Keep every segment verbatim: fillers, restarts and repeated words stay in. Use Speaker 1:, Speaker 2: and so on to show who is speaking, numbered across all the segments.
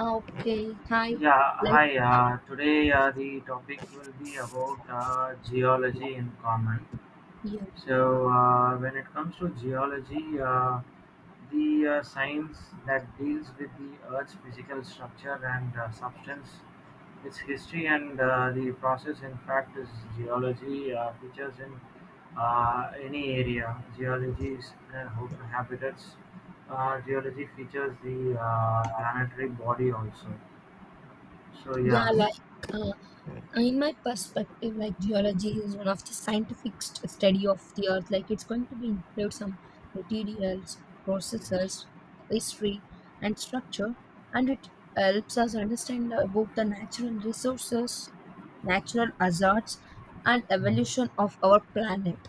Speaker 1: Ah, okay, hi.
Speaker 2: Yeah,
Speaker 1: Like,
Speaker 2: hi. Uh, today uh, the topic will be about uh, geology in common.
Speaker 1: yeah,
Speaker 2: So, uh, when it comes to geology, uh, the uh, science that deals with the Earth's physical structure and uh, substance, its history, and uh, the process, in fact, is geology uh, features in uh, any area. Geology is uh, habitats. Uh, geology features the uh, planetary body also. So
Speaker 1: yeah,
Speaker 2: yeah.
Speaker 1: like, uh, in my perspective, like, geology is one of the scientific st- study of the earth. Like, it's going to be include some materials,
Speaker 2: Yes.
Speaker 1: processes, history, and structure, and it helps us understand about the natural resources, natural hazards, and evolution
Speaker 2: Mhm.
Speaker 1: of our planet.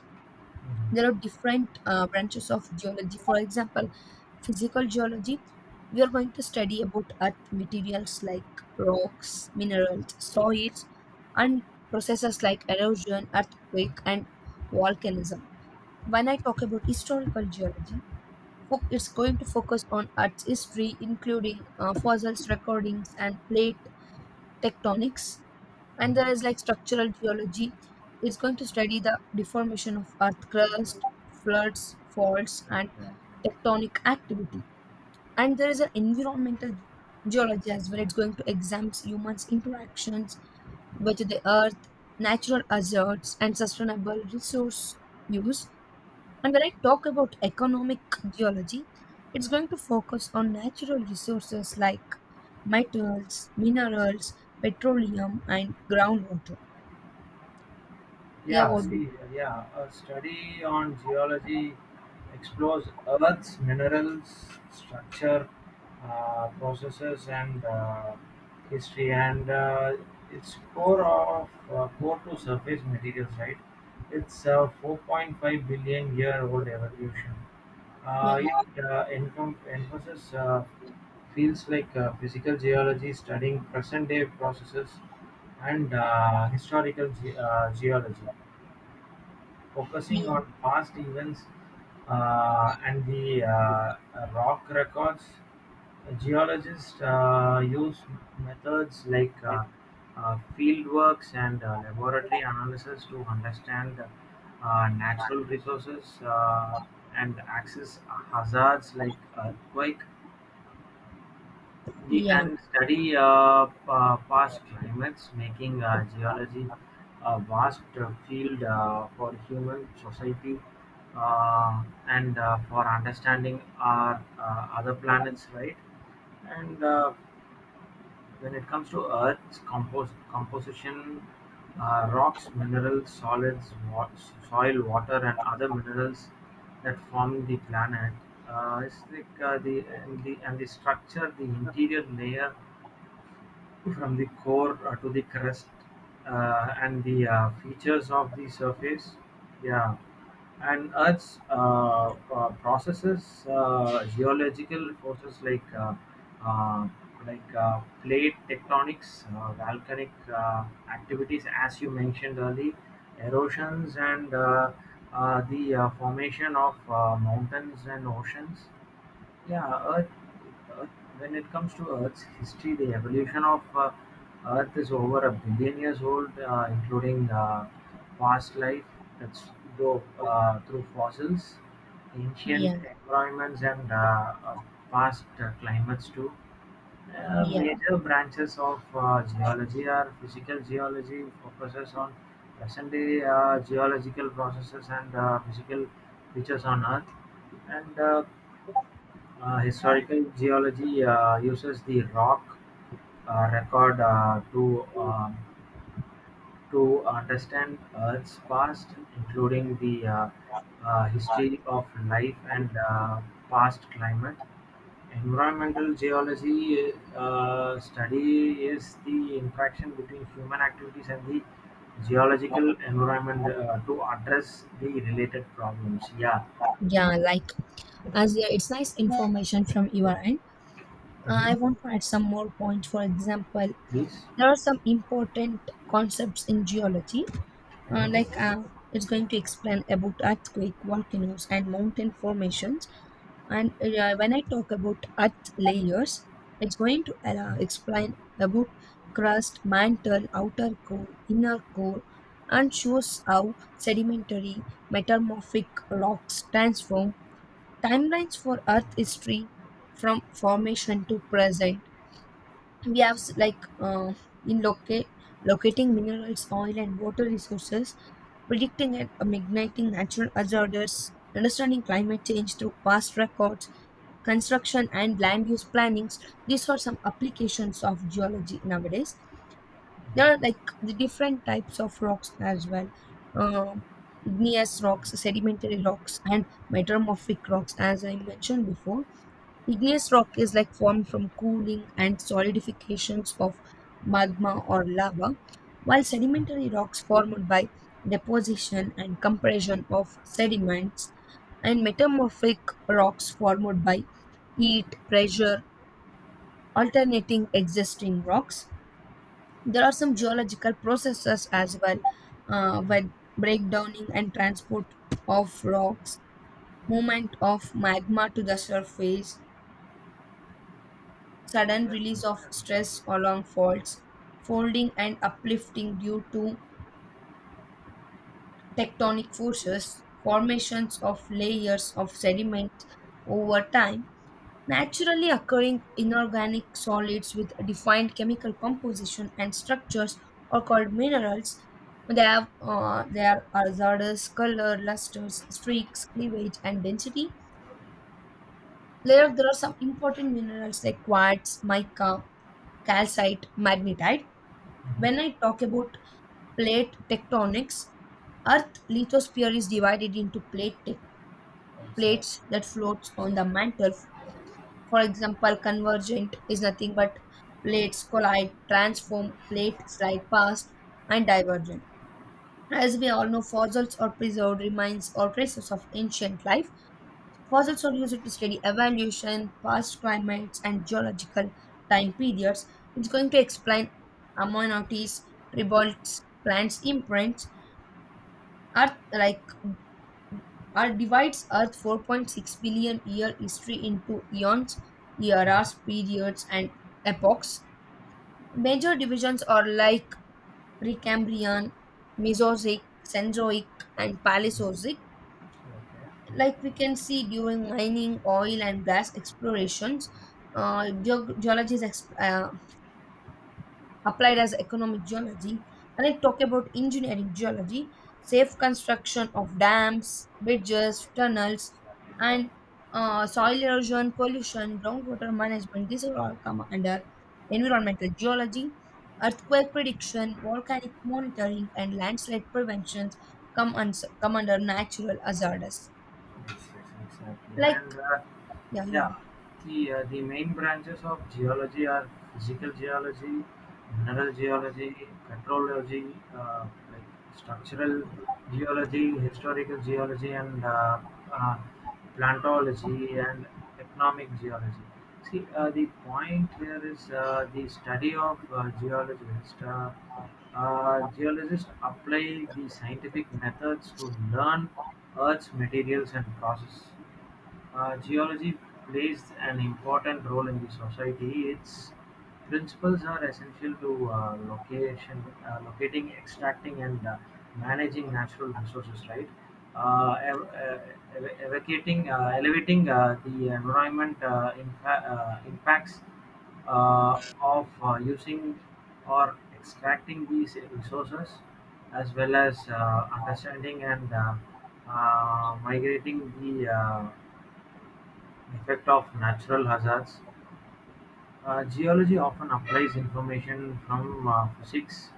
Speaker 1: There are different uh, branches of geology. For example, physical geology, we are going to study about earth materials like rocks, minerals, soils, and processes like erosion, earthquake, and volcanism. When I talk about historical geology, fo- it's going to focus on earth's history, including uh, fossils recordings and plate tectonics. And there is like structural geology, it's going to study the deformation of earth crust, floods, faults, and
Speaker 2: Right, right,
Speaker 1: tectonic
Speaker 2: right.
Speaker 1: activity. And there is an environmental geology as well, it's going to examine humans interactions with the earth, natural hazards, and sustainable resource use. And when I talk about economic geology, it's going to focus on natural resources like metals, minerals, petroleum, and groundwater. Yeah,
Speaker 2: Yeah,
Speaker 1: what do
Speaker 2: see, yeah, a study on geology explores Earth's minerals, structure, uh, processes, and uh, history, and uh, it's core of uh, core to surface materials, right? It's a four point five billion year old evolution. Uh,
Speaker 1: yeah,
Speaker 2: it uh, encom- encompasses uh, fields like uh, physical geology, studying present-day processes, and uh, historical ge- uh, geology, focusing
Speaker 1: yeah,
Speaker 2: on past events uh, and the uh, rock records. Geologists uh, use methods like uh, uh, field works and uh, laboratory analysis to understand uh, natural resources uh, and access hazards like earthquake. The
Speaker 1: yeah,
Speaker 2: and study uh, pa- past climates, making uh, geology a vast uh, field uh, for human society uh, and uh, for understanding our uh, other planets, right? And uh, when it comes to Earth's compos- composition, uh, rocks, minerals, solids, wa- soil, water, and other minerals that form the planet. Uh, it's like uh, the and the and the structure, the interior layer from the core uh, to the crest uh, and the uh, features of the surface. Yeah. And earth's uh, uh, processes, uh, geological forces like uh, uh, like uh, plate tectonics, uh, volcanic uh, activities as you mentioned early, erosions and uh, uh, the uh, formation of uh, mountains and oceans. Yeah, Earth, Earth, when it comes to Earth's history, the evolution of uh, Earth is over a billion years old, uh, including uh, past life that's though, uh, through fossils, ancient
Speaker 1: yeah,
Speaker 2: environments, and uh, uh, past uh, climates too. Uh,
Speaker 1: yeah,
Speaker 2: major branches of uh, geology are physical geology, focuses on present day uh, geological processes and uh, physical features on Earth, and uh, uh, Historical geology uh, uses the rock uh, record uh, to um to understand Earth's past, including the uh, uh, history of life and uh, past climate. Environmental geology uh, study is the interaction between human activities and the geological environment uh, to address the related problems. Yeah.
Speaker 1: yeah, like as yeah, it's nice information from your end. Uh,
Speaker 2: Hmm.
Speaker 1: I want to add some more points. For example,
Speaker 2: Please.
Speaker 1: there are some important concepts in geology, uh, like
Speaker 2: Mhm.
Speaker 1: uh, it's going to explain about earthquake, volcanoes, and mountain formations. And uh, when I talk about earth layers, it's going to uh,
Speaker 2: Mhm.
Speaker 1: explain about crust, mantle, outer core, inner core, and shows how sedimentary metamorphic rocks transform timelines for earth history from formation to present. We have s- like uh, in locate locating minerals, oil, and water resources, predicting and mitigating natural hazards, understanding climate change through past records, construction and land use plannings. These are some applications of geology nowadays. There are like the different types of rocks as well: uh, igneous rocks,
Speaker 2: Yeah.
Speaker 1: sedimentary rocks, and metamorphic rocks, as I mentioned before. Igneous rock is like formed from cooling and solidifications of magma or lava, while sedimentary rocks formed by deposition and compression of sediments, and metamorphic rocks formed by heat, pressure, alternating existing rocks. There are some
Speaker 2: Yeah.
Speaker 1: geological processes as well, uh, when breakdowning and transport of rocks, movement of magma to the surface, sudden release of
Speaker 2: Exactly.
Speaker 1: stress along faults, folding and uplifting due to tectonic forces, formations of layers of sediment over time. Naturally occurring inorganic solids with defined chemical composition and structures are called minerals. They have uh, their hazardous color, lusters, streaks, cleavage, and density. There, there are some important minerals like quartz, mica, calcite, magnetite. When I talk about plate tectonics, Earth lithosphere is divided into plate tec- plates that floats on the mantle. For example, convergent is nothing but plates collide, transform, plate slide past, and divergent. As we all know, fossils are preserved remains or traces of ancient life. Fossils are used to study evolution, past climates, and geological time periods. It's going to explain amenities, tributes, plants' imprints. Earth, like Earth divides Earth four point six billion year history into eons, eras, periods, and epochs. Major divisions are like Precambrian, Mesozoic, Cenozoic, and Paleozoic.
Speaker 2: Okay.
Speaker 1: Like, we can see during mining, oil, and gas explorations, uh, geog- geology is ex- uh, applied as economic geology. And I talk about engineering geology, safe construction of dams, bridges, tunnels,
Speaker 2: Exactly. Yeah.
Speaker 1: and uh, soil erosion, pollution, groundwater management. These are all come under environmental geology. Earthquake prediction, volcanic monitoring, and landslide prevention come, uns- come under natural hazards.
Speaker 2: Yes, yes, exactly.
Speaker 1: Like,
Speaker 2: And uh,
Speaker 1: yeah, yeah.
Speaker 2: Yeah, the uh, the main branches of geology are physical geology, mineral geology, petrology, uh, like structural geology, historical geology, and uh, uh, plantology and economic geology. See, uh, the point here is uh, the study of uh, geologists. Uh, uh, geologists apply the scientific methods to learn Earth's materials and processes. Uh, geology plays an important role in the society. Its principles are essential to uh, location, uh, locating, extracting, and uh, managing natural resources. Right, uh, ev- uh, ev- evocating, uh, elevating uh, the environment uh, impa- uh, impacts uh, of uh, using or extracting these resources, as well as uh, understanding and uh, uh, migrating the uh, effect of natural hazards. Uh, geology often applies information from uh, physics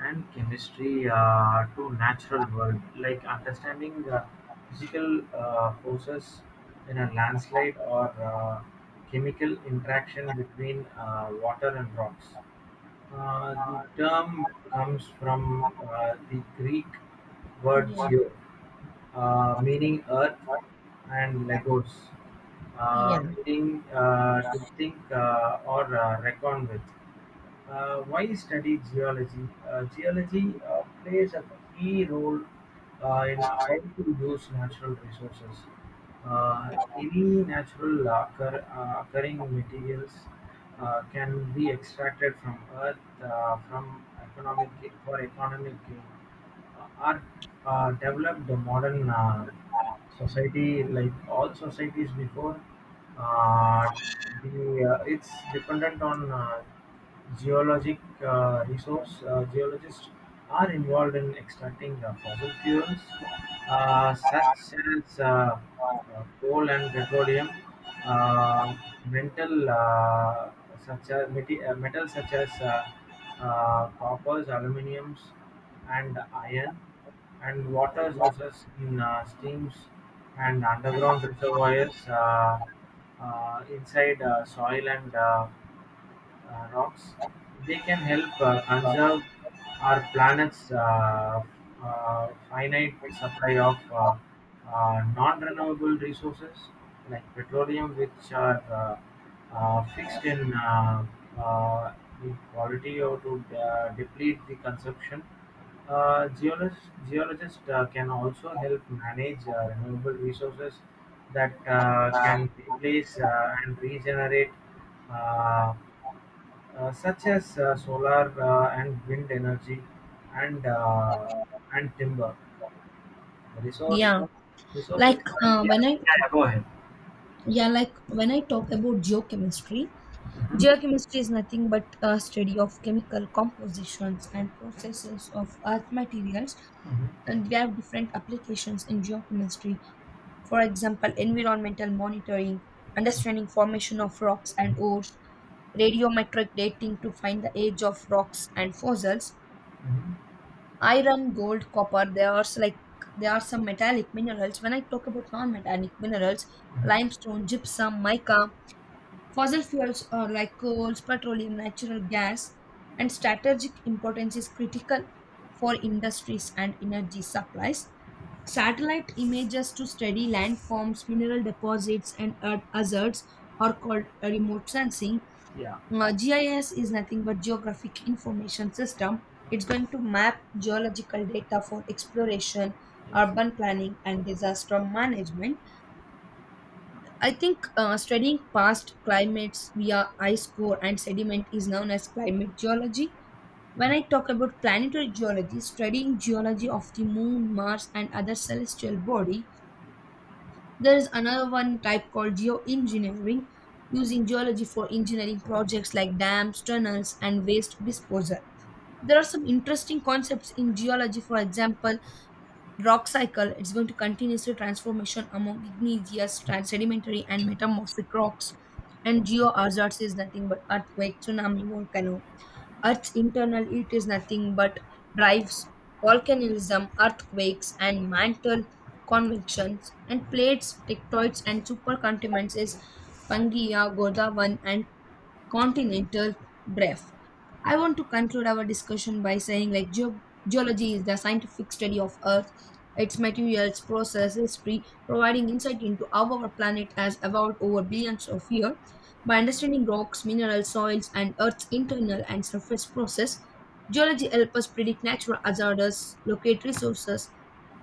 Speaker 2: and chemistry uh, to natural world, like understanding uh, physical uh, forces in a landslide or uh, chemical interaction between uh, water and rocks. Uh, the term comes from uh, the Greek word
Speaker 1: Yeah.
Speaker 2: geo, uh, meaning earth and legos,
Speaker 1: Yeah.
Speaker 2: uh, meaning uh, to think uh, or uh, reckon with. Uh, why study geology? Uh, geology uh, plays a key role uh, in how to use natural resources. Uh, any natural occur, uh, occurring materials uh, can be extracted from earth uh, from economic for economic gain are uh, developed the modern uh, society like all societies before uh, the uh, it's dependent on uh, geologic uh, resource. Uh, geologists are involved in extracting uh, fossil fuels uh, such as uh, uh, coal and petroleum, uh, metal uh, such as meti- uh, metals such as uh, uh, coppers, aluminiums and iron, and water sources in uh, streams and underground reservoirs, uh, uh, inside uh, soil and uh, uh, rocks. They can help uh, conserve our planet's uh, uh, finite supply of uh, uh, non-renewable resources like petroleum, which are uh, uh, fixed in uh, uh, in quality or to uh, deplete the consumption. Uh, geologists geologists uh, can also help manage uh, renewable resources that uh, can replace uh, and regenerate uh, uh, such as uh, solar uh, and wind energy and uh, and timber resource
Speaker 1: Yeah.
Speaker 2: resource
Speaker 1: Like
Speaker 2: extraction.
Speaker 1: uh,
Speaker 2: Yeah,
Speaker 1: when
Speaker 2: yeah,
Speaker 1: I
Speaker 2: yeah, go ahead.
Speaker 1: yeah like when i talk about geochemistry,
Speaker 2: Mhm,
Speaker 1: geochemistry is nothing but a study of chemical compositions and processes of earth materials,
Speaker 2: mhm,
Speaker 1: and we have different applications in geochemistry. For example, environmental monitoring, understanding formation of rocks and
Speaker 2: mhm,
Speaker 1: ores, radiometric dating to find the age of rocks and fossils.
Speaker 2: mhm,
Speaker 1: Iron, gold, copper, there are s- like there are some metallic minerals. When I talk about non-metallic minerals,
Speaker 2: mhm.
Speaker 1: limestone, gypsum, mica. Fossil fuels are like coals, petroleum, natural gas, and strategic importance is critical for industries and energy supplies. Satellite images to study landforms, mineral deposits, and earth hazards are called remote sensing.
Speaker 2: Yeah.
Speaker 1: Uh, G I S is nothing but geographic information system. It's going to map geological data for exploration,
Speaker 2: Ex-
Speaker 1: urban planning, and disaster management. I think uh, studying past climates via ice core and sediment is known as climate geology. When I talk about planetary geology, studying geology of the moon, Mars, and other celestial body, there is another one type called geoengineering, using geology for engineering projects like dams, tunnels, and waste disposal. There are some interesting concepts in geology. For example, rock cycle, it's going to continuously transformation among igneous, trans- sedimentary, and metamorphic rocks. And geohazards is nothing but earthquake, tsunami, volcano. Earth's internal heat is nothing but drives volcanism, earthquakes, and mantle convections. And plates tectoids and supercontinents is pangea, godavan, and continental drift. I want to conclude our discussion by saying like geo geology is the scientific study of Earth, its materials, process, history, providing insight into how our planet has evolved over billions of years. By understanding rocks, minerals, soils, and Earth's internal and surface process, geology helps us predict natural hazards, locate resources,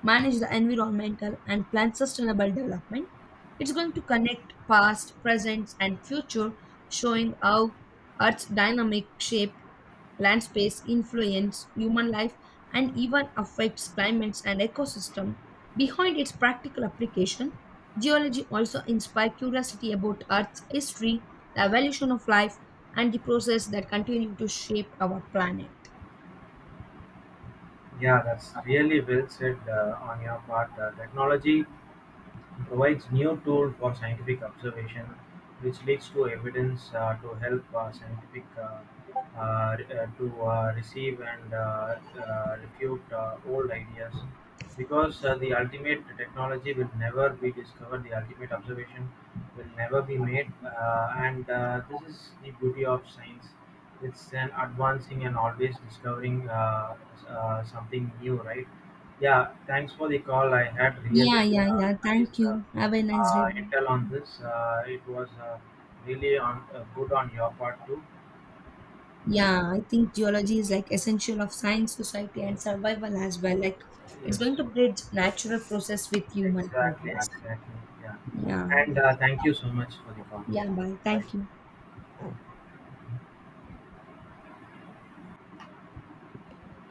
Speaker 1: manage the environmental and plan sustainable development. It's going to connect past, present, and future, showing how Earth's dynamic shape, land space influence human life, and even affects climates and ecosystem. Behind its practical application, geology also inspires curiosity about Earth's history, the evolution of life, and the process that continue to shape our planet.
Speaker 2: yeah, that's really well said uh, on your part. Uh, technology provides new tool for scientific observation, which leads to evidence uh, to help uh, scientific uh, uh, re- uh, to uh, receive and uh, uh, refute uh, old ideas. Because uh, the ultimate technology will never be discovered, the ultimate observation will never be made, uh, and uh, this is the beauty of science. It's an advancing and always discovering uh, uh, something new, right? Yeah, thanks for the call. I had really
Speaker 1: Yeah, yeah,
Speaker 2: uh,
Speaker 1: yeah.
Speaker 2: nice
Speaker 1: Thank
Speaker 2: uh,
Speaker 1: you. Have a nice day.
Speaker 2: uh,
Speaker 1: Bye.
Speaker 2: intel on this. Uh, it was uh, really on uh, good on your part too. Yeah.
Speaker 1: Yeah, I think geology is like essential of science, society, and survival as well. Like it's
Speaker 2: Yes.
Speaker 1: going to bridge natural process with human
Speaker 2: Exactly.
Speaker 1: progress.
Speaker 2: Exactly. Yeah.
Speaker 1: Yeah,
Speaker 2: And uh, Thank you so much for the call.
Speaker 1: yeah. Bye.
Speaker 2: Bye.
Speaker 1: Thank you.